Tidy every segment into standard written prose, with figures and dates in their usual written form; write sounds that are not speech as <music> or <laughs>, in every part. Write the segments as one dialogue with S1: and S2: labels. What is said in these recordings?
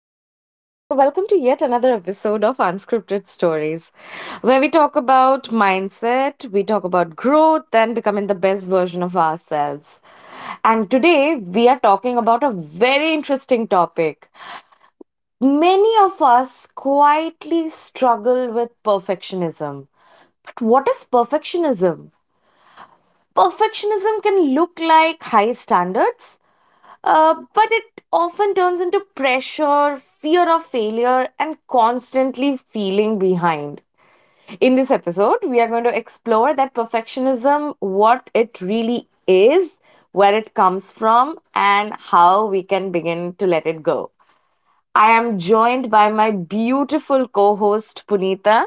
S1: Sabrina, and welcome to yet another episode of Unscripted Stories, where we talk about mindset, we talk about growth, and becoming the best version of ourselves. And today we are talking about a very interesting topic. Many of us quietly struggle with perfectionism. But what is perfectionism? Perfectionism can look like high standards, but it often turns into pressure, fear of failure, and constantly feeling behind. In this episode, we are going to explore that perfectionism, what it really is, where it comes from, and how we can begin to let it go. I am joined by my beautiful co host, Punita,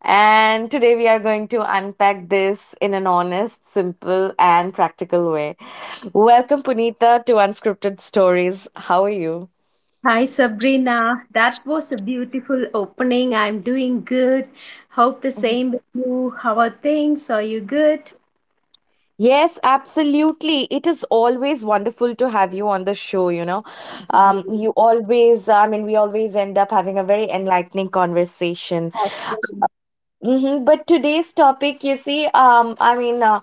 S1: and today we are going to unpack this in an honest, simple, and practical way. Welcome, Punita, to Unscripted Stories. How are you?
S2: Hi Sabrina, that was a beautiful opening. I'm doing good. Hope the
S1: Mhm.
S2: same with you. How are things? Are you good?
S1: Yes, absolutely. It is always wonderful to have you on the show, you know. You always, I mean, we always end up having a very enlightening conversation. But today's topic, you see, um, I mean, uh,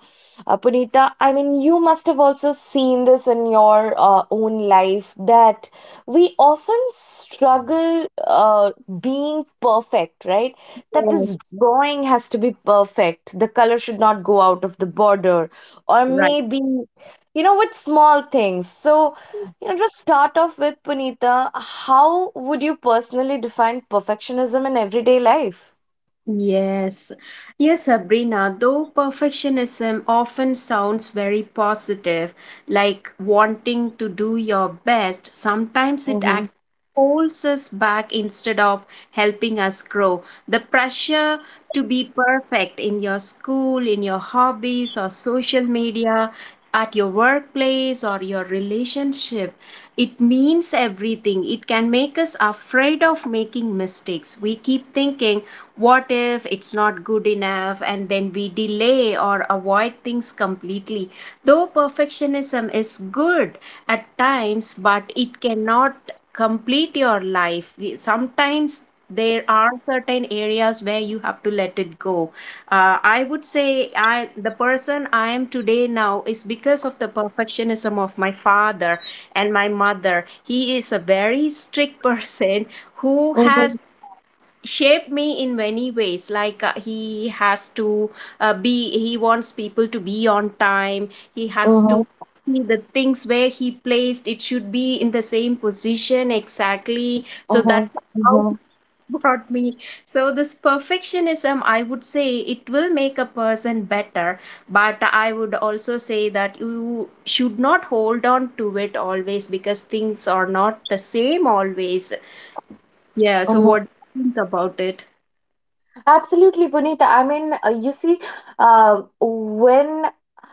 S1: uh, Punita, I mean, you must have also seen this in your own life that we often struggle being perfect, right? That
S2: Yes,
S1: this drawing has to be perfect. The color should not go out of the border, or
S2: right.
S1: maybe, you know, with small things. So, you know, just start off with Punita, how would you personally define perfectionism in everyday life?
S2: Yes, yes, Sabrina. Though perfectionism often sounds very positive, like wanting to do your best, sometimes it actually holds us back instead of helping us grow. The pressure to be perfect in your school, in your hobbies, or social media, at your workplace, or your relationship, it means everything. It can make us afraid of making mistakes. We keep thinking, what if it's not good enough, and then we delay or avoid things completely. Though perfectionism is good at times, but it cannot complete your life. We- sometimes there are certain areas where you have to let it go. I would say I the person I am today now is because of the perfectionism of my father and my mother. He is a very strict <laughs> person who
S1: Mhm,
S2: has shaped me in many ways. Like he has to be, he wants people to be on time. He has to
S1: mhm,
S2: see the things where he placed it should be in the same position exactly. So that
S1: mhm,
S2: how
S1: mhm,
S2: he <laughs> brought me. So this perfectionism, I would say, it will make a person better, but I would also say that you should not hold on to it always because things are not the same always. Yeah, so
S1: mhm.
S2: what do you think about it?
S1: Absolutely, Puneet. I mean, you see, uh, when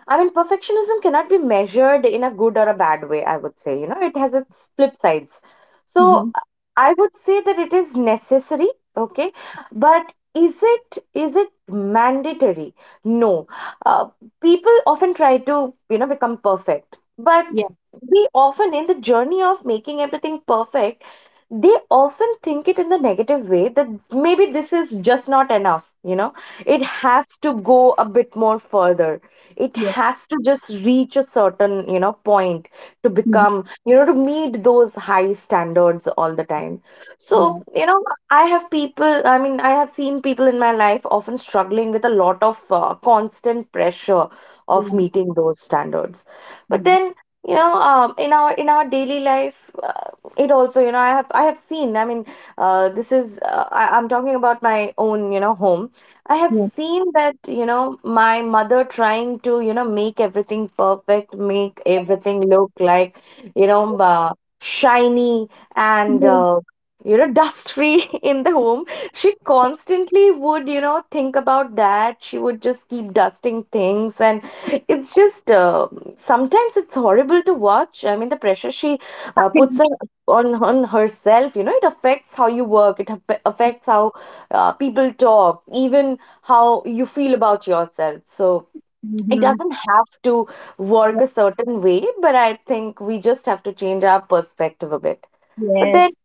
S1: perfectionism cannot be measured in a good or a bad way, I would say. You know, it has its flip sides. So
S2: Mhm.
S1: I would say that it is necessary, okay, but is it mandatory? No. Uh, people often try to, you know, become perfect, but
S2: Yeah,
S1: we often in the journey of making everything perfect, they often think it in the negative way that maybe this is just not enough, you know, it has to go a bit more further, it
S2: yeah,
S1: has to just reach a certain, you know, point, to
S2: mhm,
S1: become, you know, to meet those high standards all the time. So,
S2: yeah,
S1: you know, I have seen people in my life often struggling with a lot of constant pressure of
S2: yeah,
S1: meeting those standards.
S2: yeah,
S1: But then, you know, in our daily life, it also, you know, I have seen, I'm talking about my own, you know, home. I have
S2: yeah.
S1: seen that, you know, my mother trying to, you know, make everything perfect, make everything look like, you know, shiny and
S2: Mhm.
S1: you know, dust free <laughs> in the home. She constantly would, you know, think about that, she would just keep dusting things, and it's just sometimes it's horrible to watch. I mean the pressure she puts
S2: <laughs>
S1: on on herself, you know, it affects how you work, it affects how people talk, even how you feel about yourself. So it
S2: Mhm.
S1: doesn't have to work a certain way, but I think we just have to change our perspective a bit. But then
S2: Yes.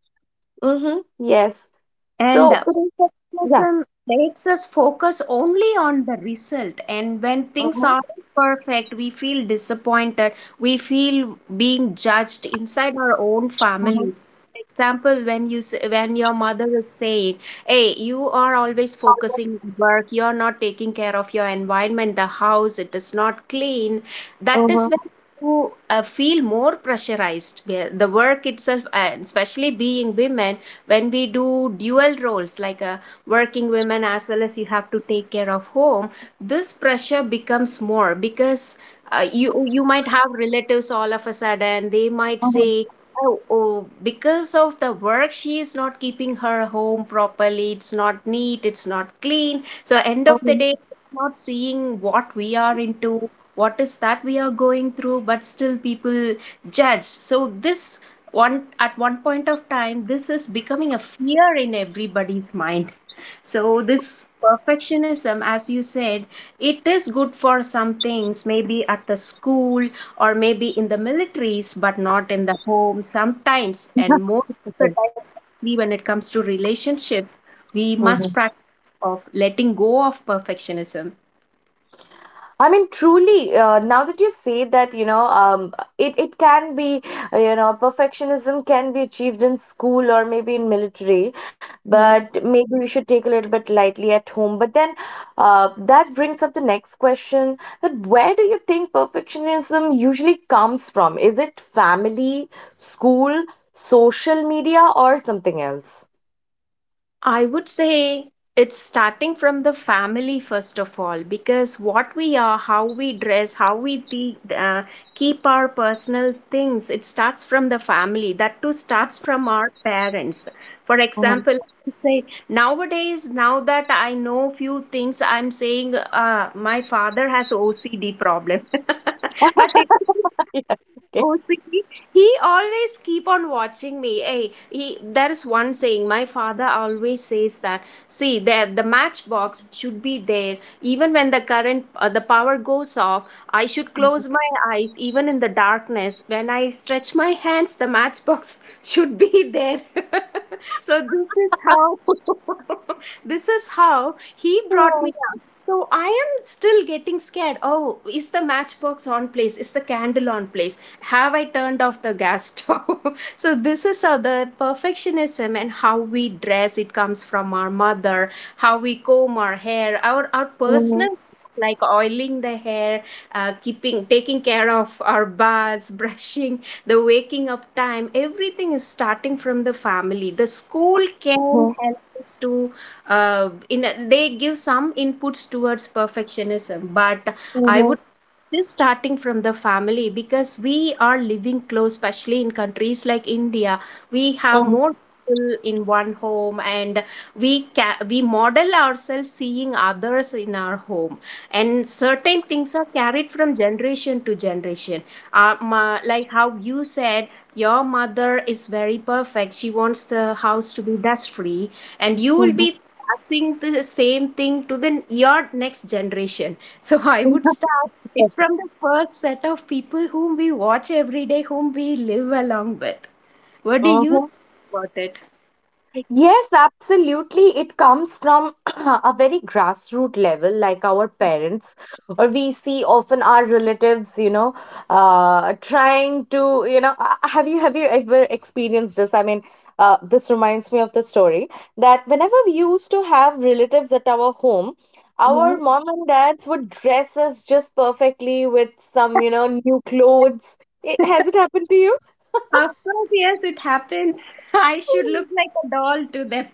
S1: mm-hmm, yes,
S2: And
S1: so yeah,
S2: Perfectionism makes us focus only on the result. And when things
S1: mm-hmm,
S2: aren't perfect, we feel disappointed. We feel being judged inside our own
S1: mm-hmm,
S2: family. For example, when you say, when your mother is saying, "Hey, you are always focusing on work. You are not taking care of your environment, the house. It is not clean." That is
S1: mm-hmm,
S2: when you feel more pressurized. Yeah, the work itself, and especially being women when we do dual roles, like a working women as well as you have to take care of home, this pressure becomes more because you might have relatives. All of a sudden they might
S1: mm-hmm,
S2: say, oh, because of the work she is not keeping her home properly, it's not neat, it's not clean. So end of the
S1: mm-hmm.
S2: day, not seeing what we are into, what is that we are going through, but still people judge. So this one at one point of time, this is becoming a fear in everybody's mind. So this perfectionism, as you said, it is good for some things, maybe at the school or maybe in the militaries, but not in the home sometimes, and most of the
S1: Okay.
S2: times especially when it comes to relationships, we must
S1: Mm-hmm.
S2: practice of letting go of perfectionism.
S1: I mean, truly, now that you say that, you know, it, it can be, you know, perfectionism can be achieved in school or maybe in military,
S2: So,
S1: but maybe we should take a little bit lightly at home. But then that brings up the next question that where do you think perfectionism usually comes from? Is it family, school, social media, or something else?
S2: I would say it's starting from the family first of all, because what we are, how we dress, how we keep our personal things, it starts from the family. That too starts from our parents. For
S1: Mhm.
S2: example, say nowadays, now that I know few things, I'm saying my father has OCD problem, <laughs> but it. Oh, see, he always keep on watching me. Hey, he there is one saying my father always says that. See, the matchbox should be there even when the current the power goes off. I should close my eyes even in the darkness. When I stretch my hands, the matchbox <laughs> should be there. <laughs> So this is how, <laughs> this is how he brought
S1: Oh,
S2: me up. So I am still getting scared. Oh, is the matchbox on place? Is the candle on place? Have I turned off the gas stove? <laughs> So this is how the perfectionism. And how we dress, it comes from our mother, how we comb our hair, our
S1: uh huh.
S2: personal, like oiling the hair, keeping taking care of our baths, <laughs> brushing, the waking up time, everything is starting from the family. The school can help us to they give some inputs towards perfectionism, but
S1: Uh
S2: I
S1: huh.
S2: would this starting from the family because we are living close, especially in countries like India. We
S1: Uh
S2: have
S1: huh.
S2: more people in one home, and we we model ourselves seeing others in our home, and certain things are carried from generation to generation. Like how you said, your mother is very perfect, she wants the house to be dust free, and you
S1: Uh
S2: will
S1: huh.
S2: be passing the same thing to the your next generation. So I
S1: Uh
S2: would start, it's
S1: huh.
S2: from the first set of people whom we watch every day, whom we live along with. What do
S1: Uh
S2: you think
S1: huh. <laughs>
S2: about it?
S1: Yes, absolutely. It comes from <clears throat> a very grassroots level, like our parents, or we see often our relatives, you know, have you ever experienced this? I mean, this reminds me of the story that whenever we used to have relatives at our home,
S2: Yeah.
S1: our mom and dads would dress us just perfectly with some, you know, new clothes. I- Has it happened to you?
S2: Of course, yes, it happens. <laughs> I should look like a doll to them.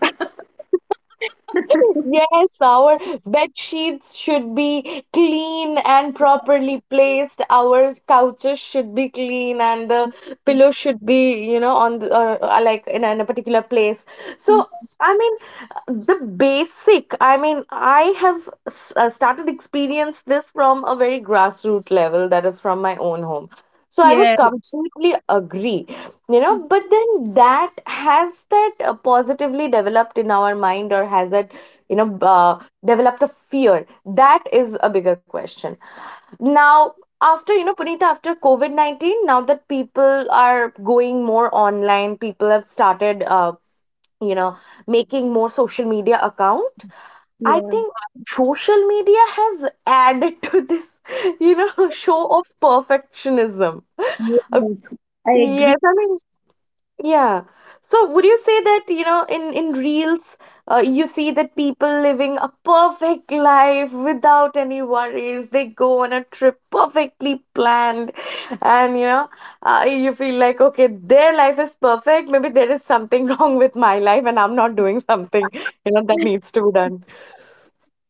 S1: Yes, our bed sheets should be clean and properly placed. Our couches should be clean, and the pillow should be, you know, on the, like in a particular place. So
S2: <laughs>
S1: I mean the basic, I mean I started experience this from a very grassroots level, that is from my own home, so I would
S2: Yeah.
S1: completely agree, you know. But then, that has that positively developed in our mind, or has it, you know, developed a fear? That is a bigger question now. After, you know, Punita, after COVID-19, now that people are going more online, people have started, you know, making more social media account. I
S2: Yeah.
S1: think social media has added to this, <laughs> you know, show of perfectionism. Uh,
S2: Yes. I
S1: Yes,
S2: agree.
S1: I mean, yeah. So would you say that, you know, in reels, you see that people living a perfect life without any worries. They go on a trip perfectly planned, and you know, you feel like, okay, their life is perfect. Maybe there is something <laughs> wrong with my life, and I'm not doing something, you know, that needs to be done.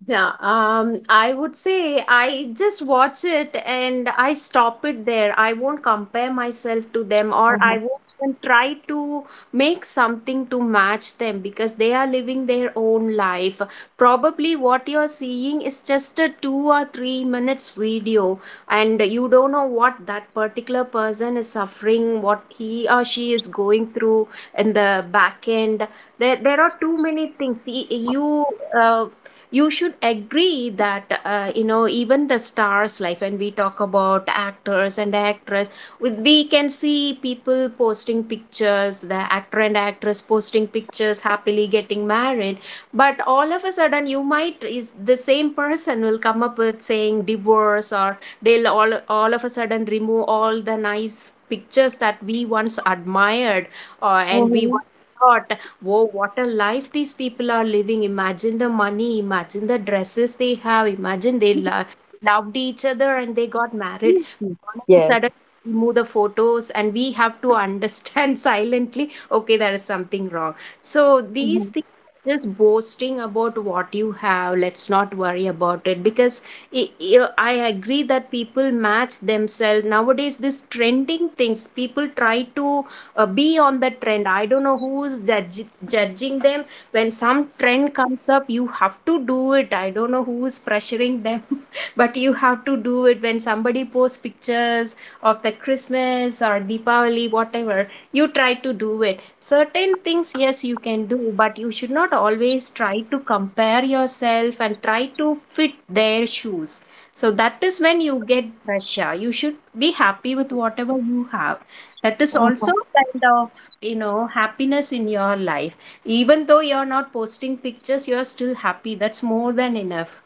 S2: Yeah, I would say I just watch it and I stop it there. I won't compare myself to them, or
S1: Mm-hmm.
S2: I won't even try to make something to match them because they are living their own life. Probably what you're seeing is just a 2 or 3 minutes video, and you don't know what that particular person is suffering, what he or she is going through in the back end. There are too many things. See, you uh, you should agree that you know, even the stars life, when we talk about actors and actress, we can see people posting pictures, the actor and actress posting pictures happily getting married, but all of a sudden, you might, is the same person will come up with saying divorce, or they'll all of a sudden remove all the nice pictures that we once admired, or and we
S1: Mm-hmm.
S2: once thought, whoa, what a life these people are living. Imagine the money, imagine the dresses they have, imagine they loved each other and they got married. All of a
S1: Yes.
S2: sudden, we remove the photos and we have to understand <laughs> silently, okay, there is something wrong. So these
S1: Mm-hmm.
S2: things, just boasting about what you have, let's not worry about it because i I agree that people match themselves nowadays. This trending things, people try to be on the trend. I don't know who's judging them. When some trend comes up, you have to do it. I don't know who's pressuring them, <laughs> but you have to do it. When somebody posts pictures of the Christmas or Deepavali whatever, you try to do it. Certain things yes you can do, but you should not always try to compare yourself and try to fit their shoes. So that is when you get pressure. You should be happy with whatever you have. That is also kind of, you know, happiness in your life. Even though you're not posting pictures, you're still happy, that's more than enough.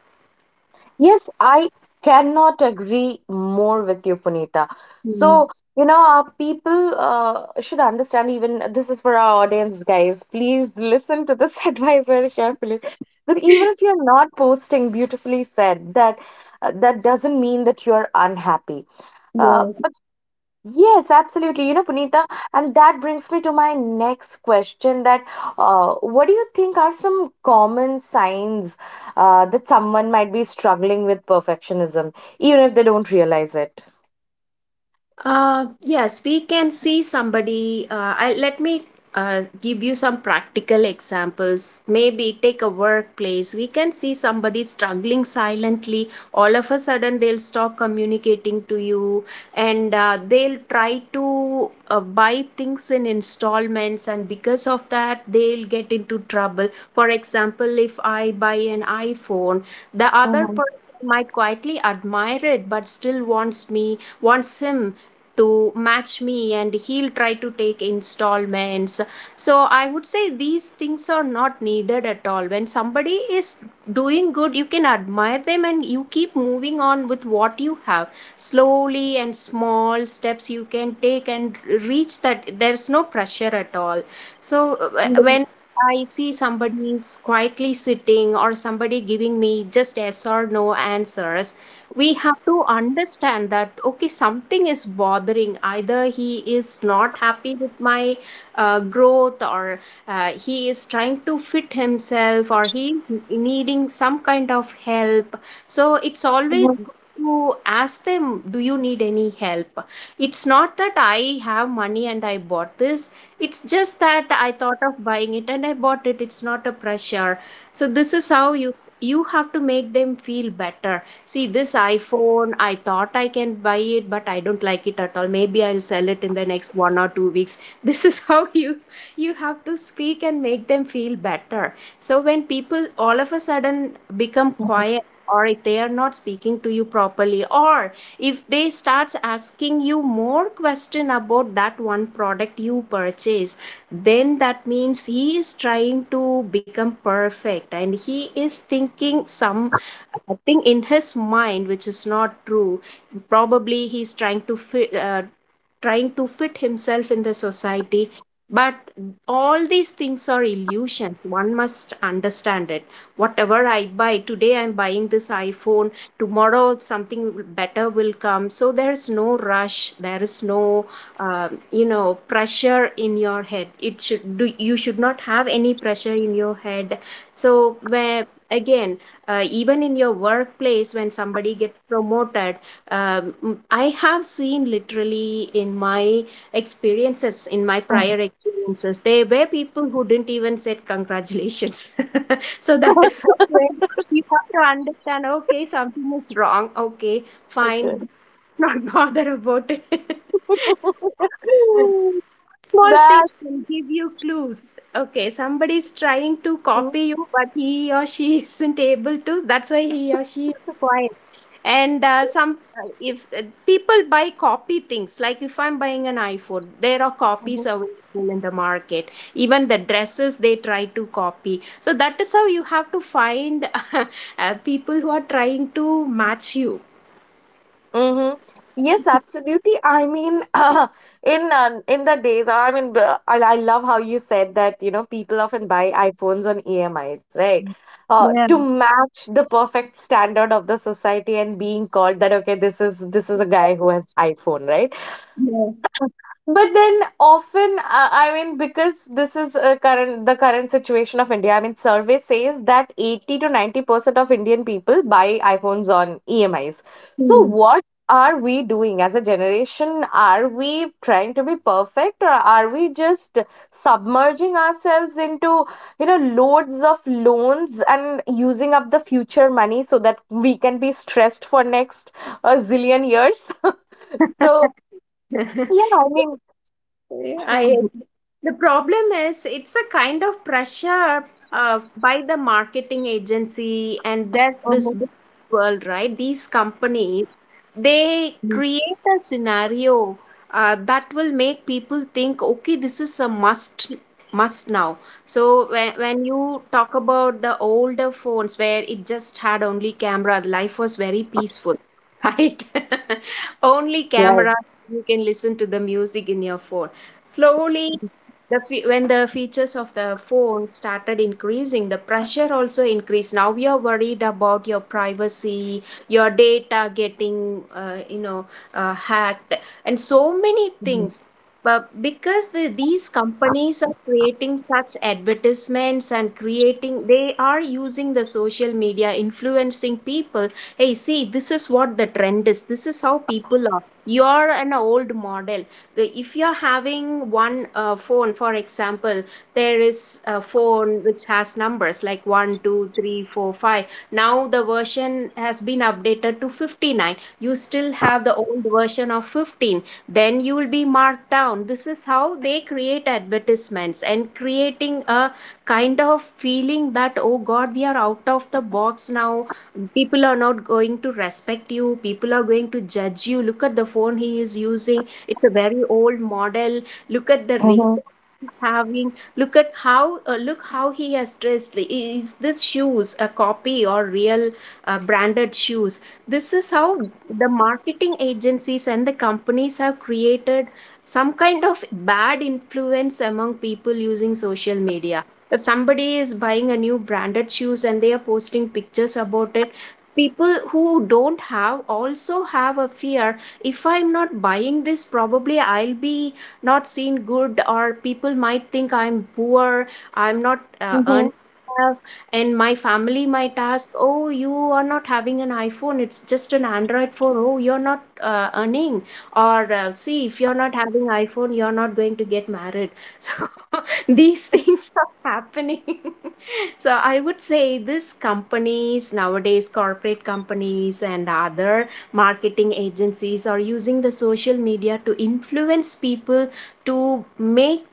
S1: Yes, I cannot agree more with you, Punita.
S2: Mm,
S1: So, you know, people should understand, even this is for our audience, guys. Please listen to this <laughs> advice very carefully. That even if you're not posting, beautifully said, that that doesn't mean that you're unhappy. Uh,
S2: yeah.
S1: but yes, absolutely. You know, Punita, and that brings me to my next question that what do you think are some common signs that someone might be struggling with perfectionism, even if they don't realize it?
S2: Yes, we can see somebody. Let me give you some practical examples. Maybe take a workplace. We can see somebody struggling silently. All of a sudden, they'll stop communicating to you, and they'll try to buy things in installments. And because of that, they'll get into trouble. For example, if I buy an iPhone, the other
S1: Mm-hmm.
S2: person might quietly admire it, but still wants him to match me, and he'll try to take installments. So I would say these things are not needed at all. When somebody is doing good, you can admire them and you keep moving on with what you have. Slowly and small steps you can take and reach that. There's no pressure at all. So when I see somebody is quietly sitting, or somebody giving me just yes or no answers, we have to understand that okay, something is bothering. Either he is not happy with my growth, or he is trying to fit himself, or he is needing some kind of help. So it's always good
S1: <laughs>
S2: to ask them, do you need any help? It's not that I have money and I bought this, it's just that I thought of buying it and I bought it, it's not a pressure. So this is how you have to make them feel better. See, this iPhone, I thought I can buy it, but I don't like it at all. Maybe I'll sell it in the next 1 or 2 weeks. <laughs> This is how you have to speak and make them feel better. So when people all of a sudden become quiet, or if they are not speaking to you properly, or if they start asking you more question about that one product you purchase, then that means he is trying to become perfect and he is thinking some, I think in his mind, which is not true, probably he's trying to trying to fit himself in the society. But all these things are illusions, one must understand it. Whatever I buy today, I'm buying this iPhone, tomorrow something better will come, so there's no rush, there is no pressure in your head. It should do, you should not have any pressure in your head. So where, again, even in your workplace when somebody gets promoted, I have seen literally in my experiences, in my prior experiences, there were people who didn't even said congratulations. <laughs> So that is how, when you have to understand. Okay, something is wrong. Okay, fine. Let's not <laughs> bother about it. <laughs> Small things
S1: That's
S2: can give you clues. Okay, somebody is trying to
S1: true.
S2: copy you, but he or she isn't able to. That's why he or she is quiet. And some if people buy copy things. Like, if I'm buying an iPhone, there are copies available in the market. Even the dresses they try to copy. So that is how you have to find <laughs> people who are trying to match you.
S1: Mm-hmm. Yes, absolutely. I mean, <laughs> <clears throat> in the days, I mean, I love how you said that, you know, people often buy iPhones on EMIs, right? Uh,
S2: Yeah,
S1: to match the perfect standard of the society and being called that, okay, this is a guy who has iPhone, right?
S2: yeah.
S1: But then often, I mean, because this is a current the current situation of India. I mean, survey says that 80 to 90% of Indian people buy iPhones on EMIs. So what are we doing as a generation? Are we trying to be perfect, or are we just submerging ourselves into, you know, loads of loans and using up the future money so that we can be stressed for next a zillion years? <laughs>
S2: Hmm.
S1: So,
S2: <laughs>
S1: yeah, I mean,
S2: I agree. The problem is, it's a kind of pressure by the marketing agency, and there's this big world, right? These companies, they create a scenario that will make people think, okay, this is a must now. So when you talk about the older phones where it just had only camera, life was very peaceful. <laughs> Right. <laughs> Only
S1: right.
S2: cameras, you can listen to the music in your phone. Slowly, the when the features of the phone started increasing, the pressure also increased. Now you're worried about your privacy, your data getting, hacked, and so many things. But because these companies are creating such advertisements and creating, they are using the social media, influencing people. Hey, see, this is what the trend is. This is how people are. You're an old model if you're having one phone, for example. There is a phone which has numbers like one, 2, 3, 4, 5. Now the version has been updated to 59, you still have the old version of 15, then you will be marked down. This is how they create advertisements and creating a kind of feeling that, oh god, we are out of the box now. People are not going to respect you, people are going to judge you. Look at the phone he is using, it's a very old model. Look at the ring
S1: Mhm.
S2: he's having. Look at how, look how he has dressed. Is this shoes a copy or real branded shoes? This is how the marketing agencies and the companies have created some kind of bad influence among people using social media. If somebody is buying a new branded shoes and they are posting pictures about it, people who don't have also have a fear, if I'm not buying this, probably I'll be not seen good, or people might think I'm poor, I'm not
S1: Mhm.
S2: earning enough, and my family might ask, oh, you are not having an iPhone, it's just an Android phone, oh, you're not earning, or see, if you're not having iPhone, you're not going to get married. <laughs> So these things are happening. <laughs> So I would say these companies nowadays, corporate companies and other marketing agencies, are using the social media to influence people to make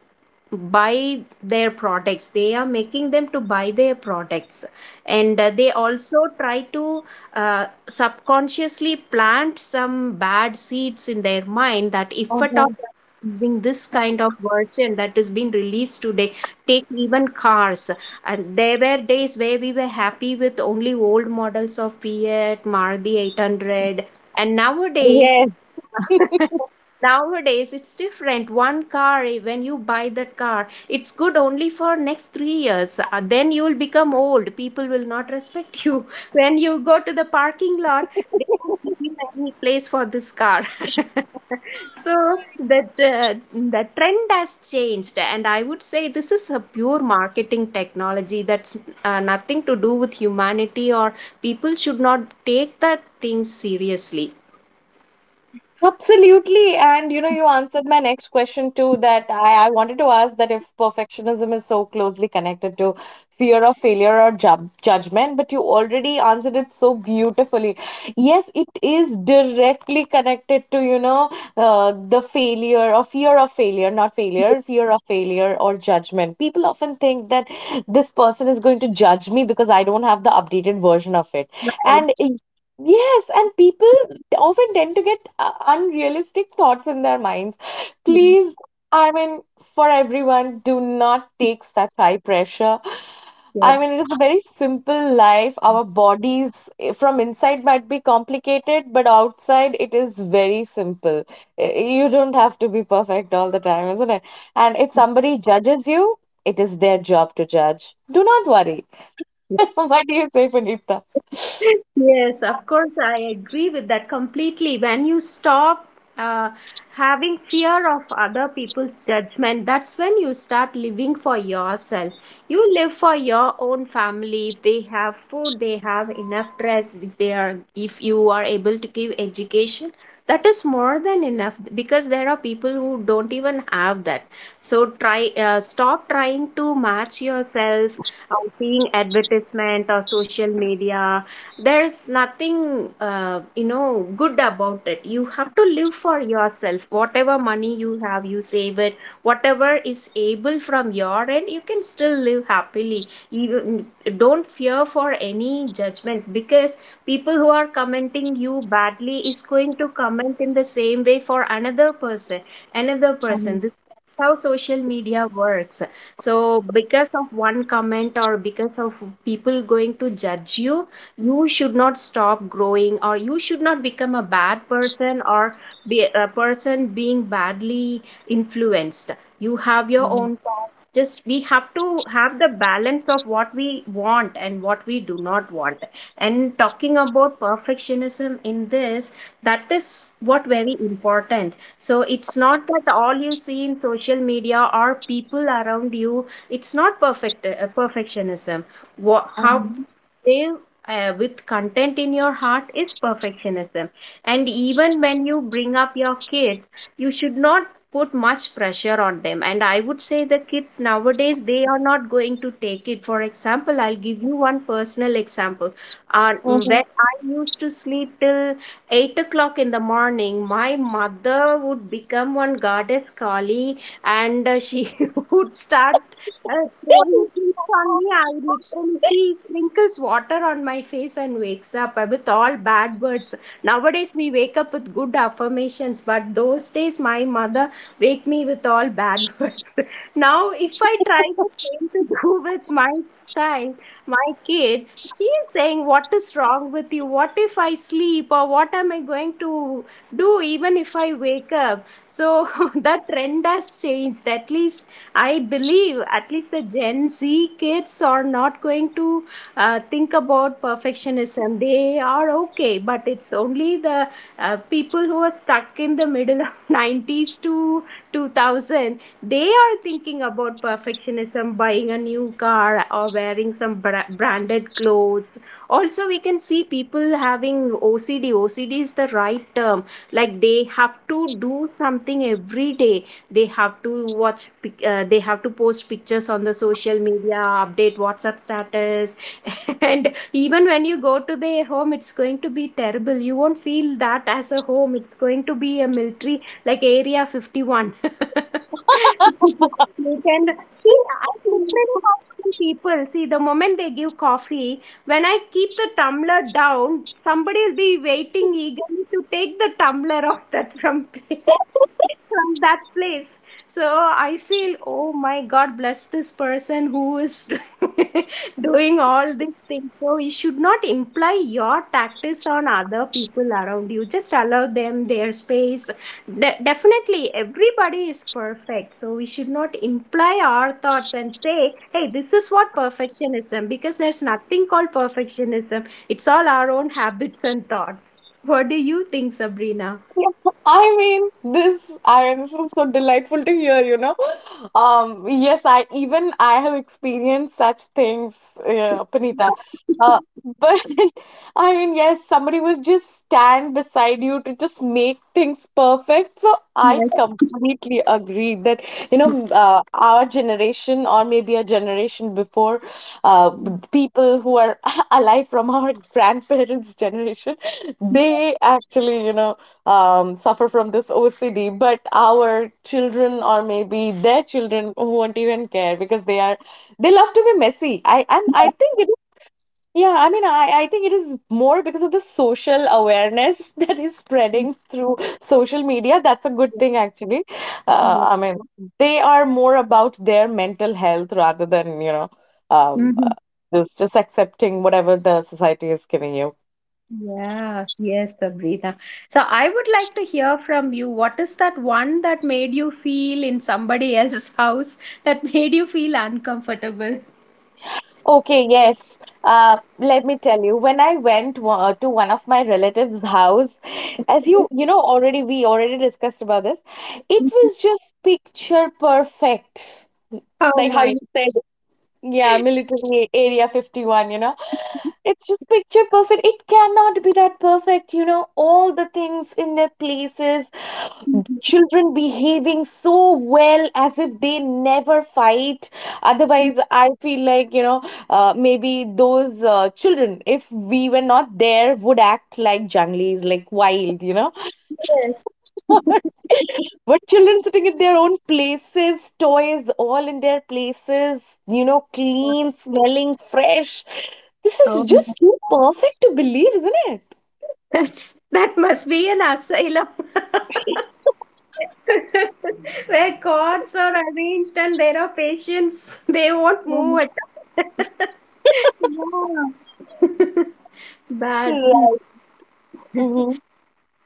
S2: buy their products, they are making them to buy their products. And they also try to subconsciously plant some bad seeds in their mind, that if at all
S1: Mhm.
S2: using this kind of version that has been released today. Take even cars, and there were days where we were happy with only old models of Fiat, Maruti 800, and nowadays
S1: Yeah.
S2: <laughs> nowadays it's different. One car, eh, when you buy that car, it's good only for next 3 years. Then you'll become old. People will not respect you. <laughs> When you go to the parking lot, they don't give you any place for this car. <laughs> So that the trend has changed, and I would say this is a pure marketing technology that's nothing to do with humanity, or people should not take that thing seriously.
S1: Absolutely. And you know, you answered my next question too, that I wanted to ask that if perfectionism is so closely connected to fear of failure or judgment, but you already answered it so beautifully. Yes, it is directly connected to, you know, the failure or fear of failure, not failure, fear of failure or judgment. People often think that this person is going to judge me because I don't have the updated version of it. And yes, and people they often tend to get unrealistic thoughts in their minds. Please, I mean, for everyone, do not take such high pressure.
S2: Yeah.
S1: I mean, it is a very simple life. Our bodies, eh, from inside might be complicated, but outside it is very simple. Eh, you don't have to be perfect all the time, isn't it? And if somebody judges you, it is their job to judge. Do not worry. <laughs> What do you say, Punita?
S2: Yes, of course, I agree with that completely. When you stop uh, having fear of other people's judgment, that's when you start living for yourself. You live for your own family. If they have food, they have enough dress. If you are able to give education, that is more than enough, because there are people who don't even have that. So try, stop trying to match yourself seeing advertisement or social media. There's nothing good about it. You have to live for yourself. Whatever money you have, you save it, whatever is able from your end, you can still live happily. You don't fear for any judgments, because people who are commenting you badly is going to comment in the same way for another person,
S1: Mhm.
S2: this is how social media works. So because of one comment, or because of people going to judge you, you should not stop growing, or you should not become a bad person, or be a person being badly influenced. You have your
S1: Mhm.
S2: own thoughts, just we have to have the balance of what we want and what we do not want. And talking about perfectionism in this, that is what very important. So it's not that all you see in social media or people around you, it's not perfect perfectionism. What, how they with content in your heart is perfectionism. And even when you bring up your kids, you should not put much pressure on them. And I would say the kids nowadays, they are not going to take it. For example, I'll give you one personal example. When
S1: Mhm.
S2: I used to sleep till 8 o'clock in the morning, my mother would become one goddess Kali, and she <laughs> would start throwing things on me. I literally, she sprinkles water on my face and wakes up with all bad words. Nowadays we wake up with good affirmations, but those days my mother wake me with all bad <laughs> words. Now if I try the same to do with my child, my kid, she is saying, what is wrong with you? What if I sleep? Or what am I going to do even if I wake up? So <laughs> that trend has changed. At least I believe at least the Gen Z kids are not going to think about perfectionism. They are okay, but it's only the people who are stuck in the middle of <laughs> 90s to 2000. They are thinking about perfectionism, buying a new car or wearing some branded clothes. Also, we can see people having OCD. OCD is the right term. Like, they have to do something every day, they have to they have to post pictures on the social media, update WhatsApp status. <laughs> And even when you go to their home, it's going to be terrible. You won't feel that as a home, it's going to be a military like Area 51. <laughs> You can see, I literally have seen people. See, the moment they give coffee, when I keep the tumbler down, somebody will be waiting eagerly to take the tumbler off that from me. <laughs> From that place. So I feel, oh my god, bless this person who is <laughs> doing all these things. So you should not imply your tactics on other people around you, just allow them their space. Definitely everybody is perfect, so we should not imply our thoughts and say, hey, this is what perfectionism, because there's nothing called perfectionism, it's all our own habits and thoughts. What do you think, Sabrina? <laughs>
S1: <laughs> I mean, this is so delightful to hear, you know. Yes, I even I have experienced such things, Panita. Uh, but <laughs> I mean, yes, somebody will just stand beside you to just make things perfect. So I
S2: Yes.
S1: completely agree that, you know, our generation or maybe a generation before, uh, people who are <laughs> alive from our <laughs> grandparents' generation, they actually, you know, suffer from this OCD, but our children or maybe their children won't even care because they are they love to be messy. I think it is, yeah, I mean I think it is more because of the social awareness <laughs> that is spreading through social media. That's a good thing actually.
S2: Yes.
S1: I mean they are more about their mental health rather than, you know, um, uh,
S2: Mhm.
S1: just accepting whatever the society is giving you.
S2: Yeah, yes, Prabrita. So I would like to hear from you. What is that one that made you feel in somebody <laughs> else's house, that made you feel uncomfortable?
S1: Okay, yes. Let me tell you, when I went to one of my relatives' house, as you you know already we already discussed about this, it was
S2: <laughs>
S1: just picture perfect.
S2: Oh
S1: Like how
S2: my.
S1: you said, yeah, military area 51, you know. It's just picture perfect. It cannot be that perfect, you know. All the things in their places, children behaving so well as if they never fight. Otherwise, I feel like, maybe those children, if we were not there, would act like junglies, like wild, you know.
S2: Yes. <laughs>
S1: What children sitting in their own places, toys all in their places, you know, clean, smelling, fresh. This
S2: Oh
S1: is
S2: my.
S1: just too perfect to believe, isn't it?
S2: That's, that must be an asylum. <laughs> <laughs> Where cords are arranged and there are patients, <laughs> they won't move at all. <laughs> Yeah. <laughs> Bad.
S1: Right.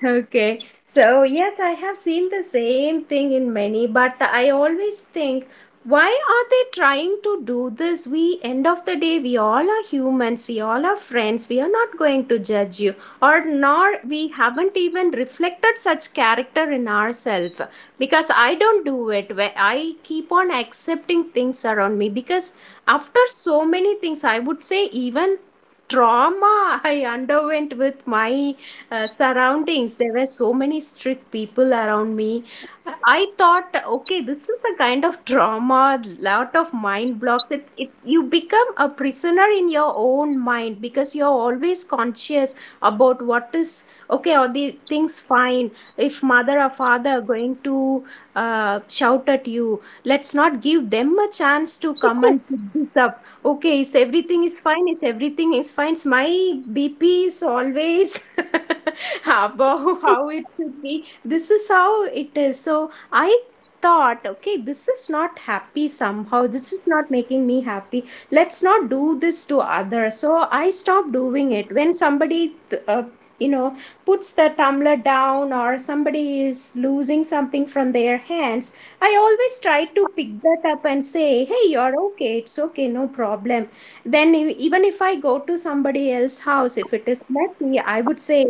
S2: Okay, so yes, I have seen the same thing in many, but I always think, why are they trying to do this? We, end of the day, we all are humans, we all are friends, we are not going to judge you, or nor we haven't even reflected such character in ourselves. Because I don't do it, where I keep on accepting things around me. Because after so many things, I would say, even trauma I underwent with my surroundings. There were so many strict people around me. I thought, okay, this is a kind of trauma, lot of mind blocks. It you become a prisoner in your own mind because you're always conscious about what is okay or the things fine. If mother or father are going to shout at you, let's not give them a chance to come and pick this up. Okay, is everything is fine? Is everything is fine? Is my BP is always <laughs> above how it should be. This is how it is. So I thought, okay, this is not happy somehow. This is not making me happy. Let's not do this to others. So I stopped doing it. When somebody, you know, puts the tumbler down or somebody is losing something from their hands, I always try to pick that up and say, hey, you're okay, it's okay, no problem. Then, even if I go to somebody else's house, if it is messy, I would say,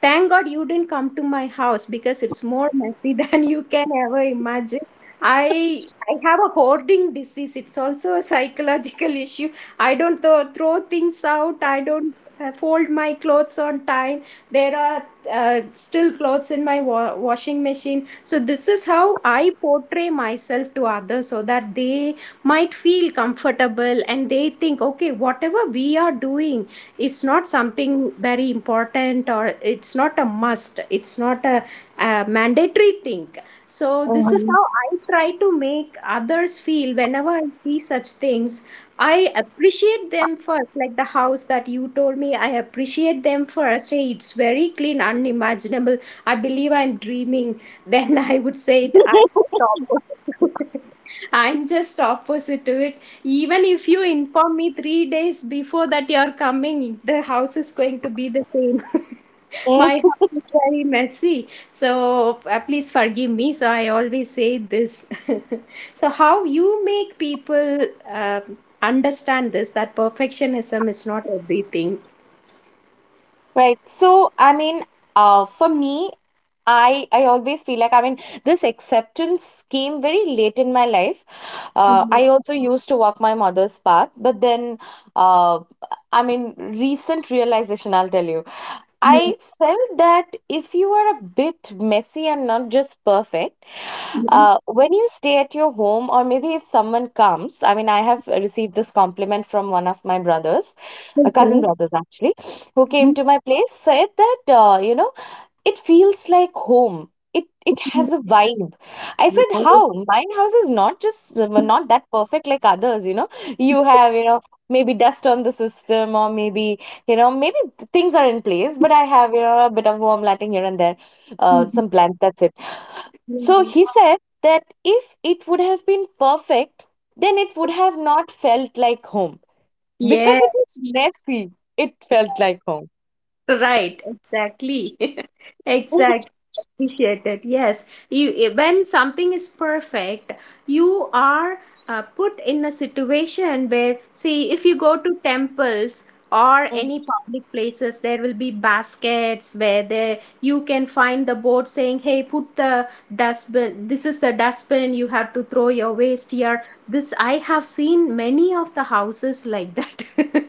S2: thank God you didn't come to my house because it's more messy <laughs> than you can ever imagine. I have a hoarding disease. It's also a psychological issue. I don't throw things out. I don't fold my clothes on time. There are still clothes in my washing machine. So this is how I portray myself to others, so that they might feel comfortable and they think, okay, whatever we are doing is not something very important, or it's not a must, it's not a mandatory thing. So this is
S1: Mm-hmm.
S2: how I try to make others feel whenever I see such things. I appreciate them first, like the house that you told me. I appreciate them first. Hey, it's very clean, unimaginable. I believe I'm dreaming, then <laughs> I would say it, I'm just opposite to it. <laughs> I'm just opposite to it. Even if you inform me 3 days before that you're coming, the house is going to be the same. <laughs> My house is very messy, so please forgive me. So I always say this. <laughs> So how you make people understand this, that perfectionism is not everything.
S1: Right. So, I mean, for me, I always feel like, I mean, this acceptance came very late in my life.
S2: <laughs> Mhm.
S1: I also used to walk my mother's path, but then, uh, I mean, recent realization, I'll tell you.
S2: Yeah.
S1: I felt that if you are a bit messy and not just perfect,
S2: Mhm.
S1: when you stay at your home, or maybe if someone comes, I mean, I have received this compliment from one of my brothers, a cousin
S2: Okay.
S1: brothers actually, who came
S2: Mhm.
S1: to my place, said that you know, it feels like home. it it has a vibe. I
S2: Mhm.
S1: said
S2: I will-
S1: how? My house is not just not that perfect like others, you know. You have, you know, maybe dust on the system, or maybe, you know, maybe things are in place, but I have, you know, a bit of warm lighting here and there,
S2: Mhm.
S1: some plants, that's it. So he said that if it would have been perfect, then it would have not felt like home. Because
S2: Yeah.
S1: it is messy, it felt like home.
S2: Right, exactly. <laughs> Exactly. Appreciated. Yes. You when something is perfect, you are put in a situation where, see, if you go to temples or
S1: Mhm.
S2: any public places, there will be baskets where there you can find the board saying, "Hey, put the dustbin. This is the dustbin. You have to throw your waste here." This I have seen many of the houses like that. <laughs>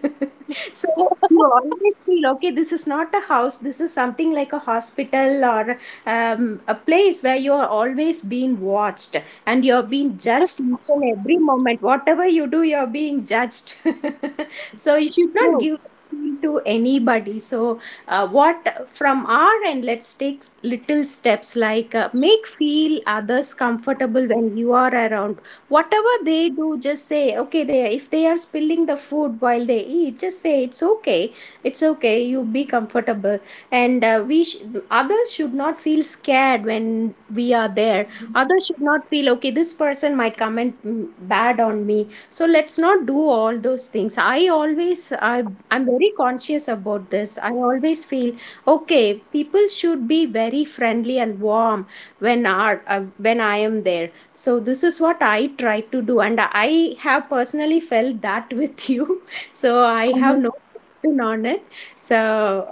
S2: So you always feel okay, this is not a house, this is something like a hospital or a place where you are always being watched and you're being judged each and every moment. Whatever you do, you're being judged. <laughs> So you should not give feel to anybody. So what from our end, let's take little steps, like make feel others comfortable when you are around. Whatever they do, just say okay, they, if they are spilling the food while they eat, just say it's okay, it's okay, you be comfortable. And others should not feel scared when we are there. Others should not feel okay, this person might comment bad on me. So let's not do all those things. I'm very conscious about this. I always feel okay, people should be very friendly and warm when are when I am there. So this is what I try to do, and I have personally felt that with you. <laughs> So I have no opinion on it. So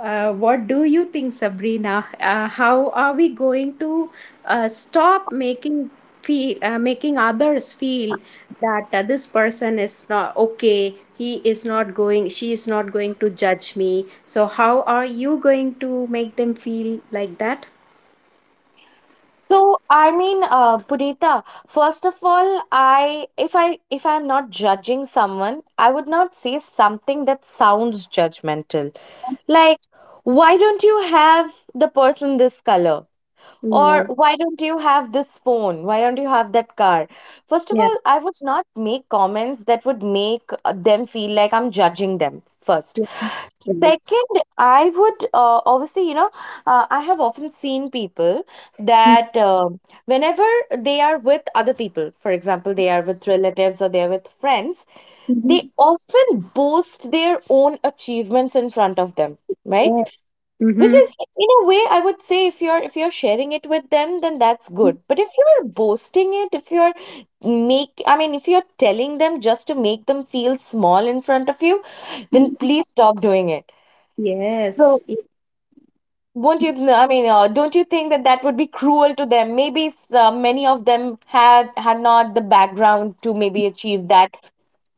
S2: what do you think, Sabrina? How are we going to stop making feel, making others feel that this person is not okay? He is not going. She is not going to judge me. So how are you going to make them feel like that?
S1: So, I mean, Punita, first of all, I, if I'm not judging someone, I would not say something that sounds judgmental. Like, why don't you have the person this color?
S2: Yeah,
S1: Or why don't you have this phone? Why don't you have that car? First of
S2: yeah,
S1: all, I would not make comments that would make them feel like I'm judging them first.
S2: yeah. yeah.
S1: Second, I would, obviously, you know, I have often seen people that, whenever they are with other people, for example, they are with relatives or they are with friends, they
S2: Mhm.
S1: often boast their own achievements in front of them, right?
S2: Yeah.
S1: Which
S2: Mm-hmm.
S1: is, in a way, I would say, if you're sharing it with them, then that's good. But if you're boasting it, if you're make, I mean, if you're telling them just to make them feel small in front of you, then please stop doing it. So,
S2: Yes. It,
S1: won't you? No, I mean, don't you think that that would be cruel to them? Maybe many of them had not the background to maybe achieve that,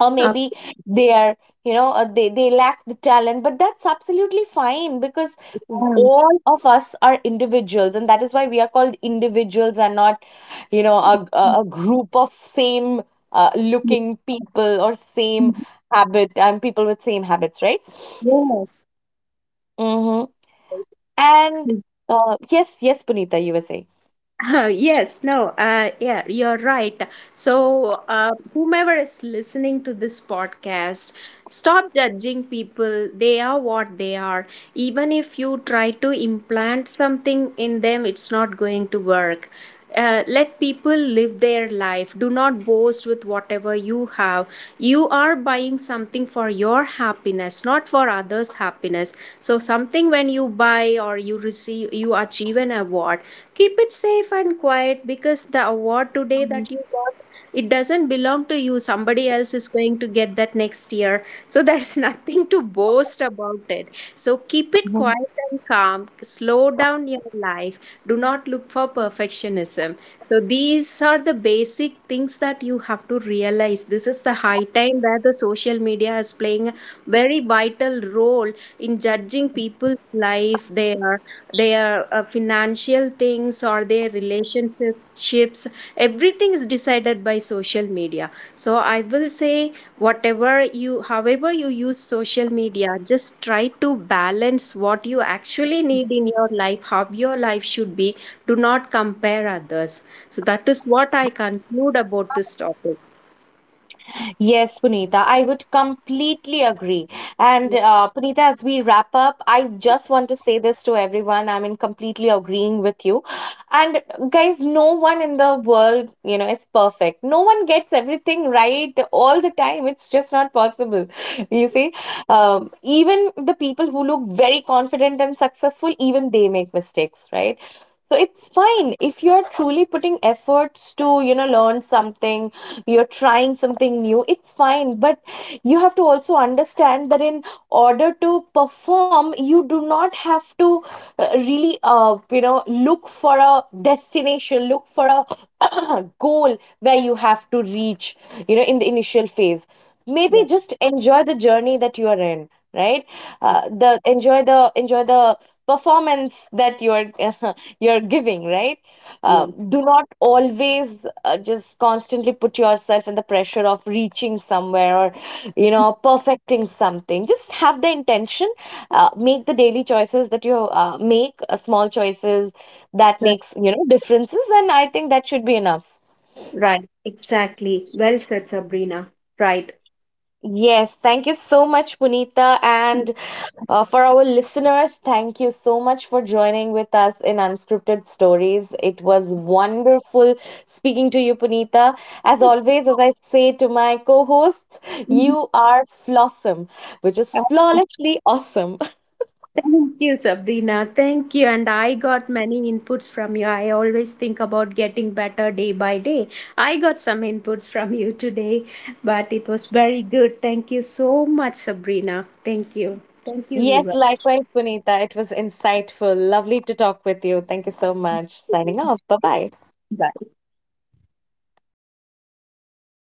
S1: or
S2: up.
S1: maybe they are, you know, they lack the talent. But that's absolutely fine, because
S2: um,
S1: all of us are individuals, and that is why we are called individuals, and not, you know, a group of same looking people, or same habit and people with same habits, right?
S2: yes.
S1: Mm-hmm. And yes, Punita, you were saying.
S2: Yes, no, yeah, you're right. So, whomever is listening to this podcast, stop judging people. They are what they are. Even if you try to implant something in them, it's not going to work. Let people live their life. Do not boast with whatever you have. You are buying something for your happiness, not for others' happiness. So, something when you buy or you receive, you achieve an award, keep it safe and quiet. Because the award today that you got, it doesn't belong to you. Somebody else is going to get that next year, so there's <laughs> nothing to boast about it. So keep it quiet and calm, slow down your life. Do not look for perfectionism. So these are the basic things that you have to realize. This is the high time where the social media is playing a very vital role in judging people's life, their financial things or their relationships. Everything is decided by social media. So I will say, whatever you, however you use social media, just try to balance what you actually need in your life, how your life should be. Do not compare others. So that is what I conclude about this topic.
S1: Yes, Punita, I would completely agree. And Punita, as we wrap up, I just want to say this to everyone. I'm in completely agreeing with you. And guys, no one in the world, you know, is perfect. No one gets everything right all the time. It's just not possible. <laughs> You see, even the people who look very confident and successful, even they make mistakes, right? So it's fine if you're truly putting efforts to, you know, learn something, you're trying something new. It's fine, but you have to also understand that, in order to perform, you do not have to, really, you know, look for a destination, look for a <clears throat> goal where you have to reach. You know, in the initial phase, maybe
S2: Yes,
S1: just enjoy the journey that you are in, right? The enjoy the Enjoy the performance that you are <laughs> you're giving, right?
S2: yeah,
S1: uh,
S2: yes.
S1: do not always, just constantly put yourself in the pressure of reaching somewhere, or, you know, perfecting something. Just have the intention, make the daily choices that you, make small choices, that
S2: Right.
S1: makes, you know, differences. And I think that should be enough.
S2: Right, exactly, well said, Sabrina. Right.
S1: Yes, thank you so much, Punita. And for our listeners, thank you so much for joining with us in Unscripted Stories. It was wonderful speaking to you, Punita. As
S2: <laughs>
S1: always, as I say to my co hosts,
S2: Mhm.
S1: you are flossom, which is flawlessly awesome. <laughs>
S2: Thank you, Sabrina. Thank you. And I got many inputs from you. I always think about getting better day by day. I got some inputs from you today, but it was very good. Thank you so much, Sabrina. Thank you. Thank you,
S1: Yes,
S2: Viva.
S1: likewise, Punita. It was insightful. Lovely to talk with you. Thank you so much. Signing off. Bye bye.
S2: Bye.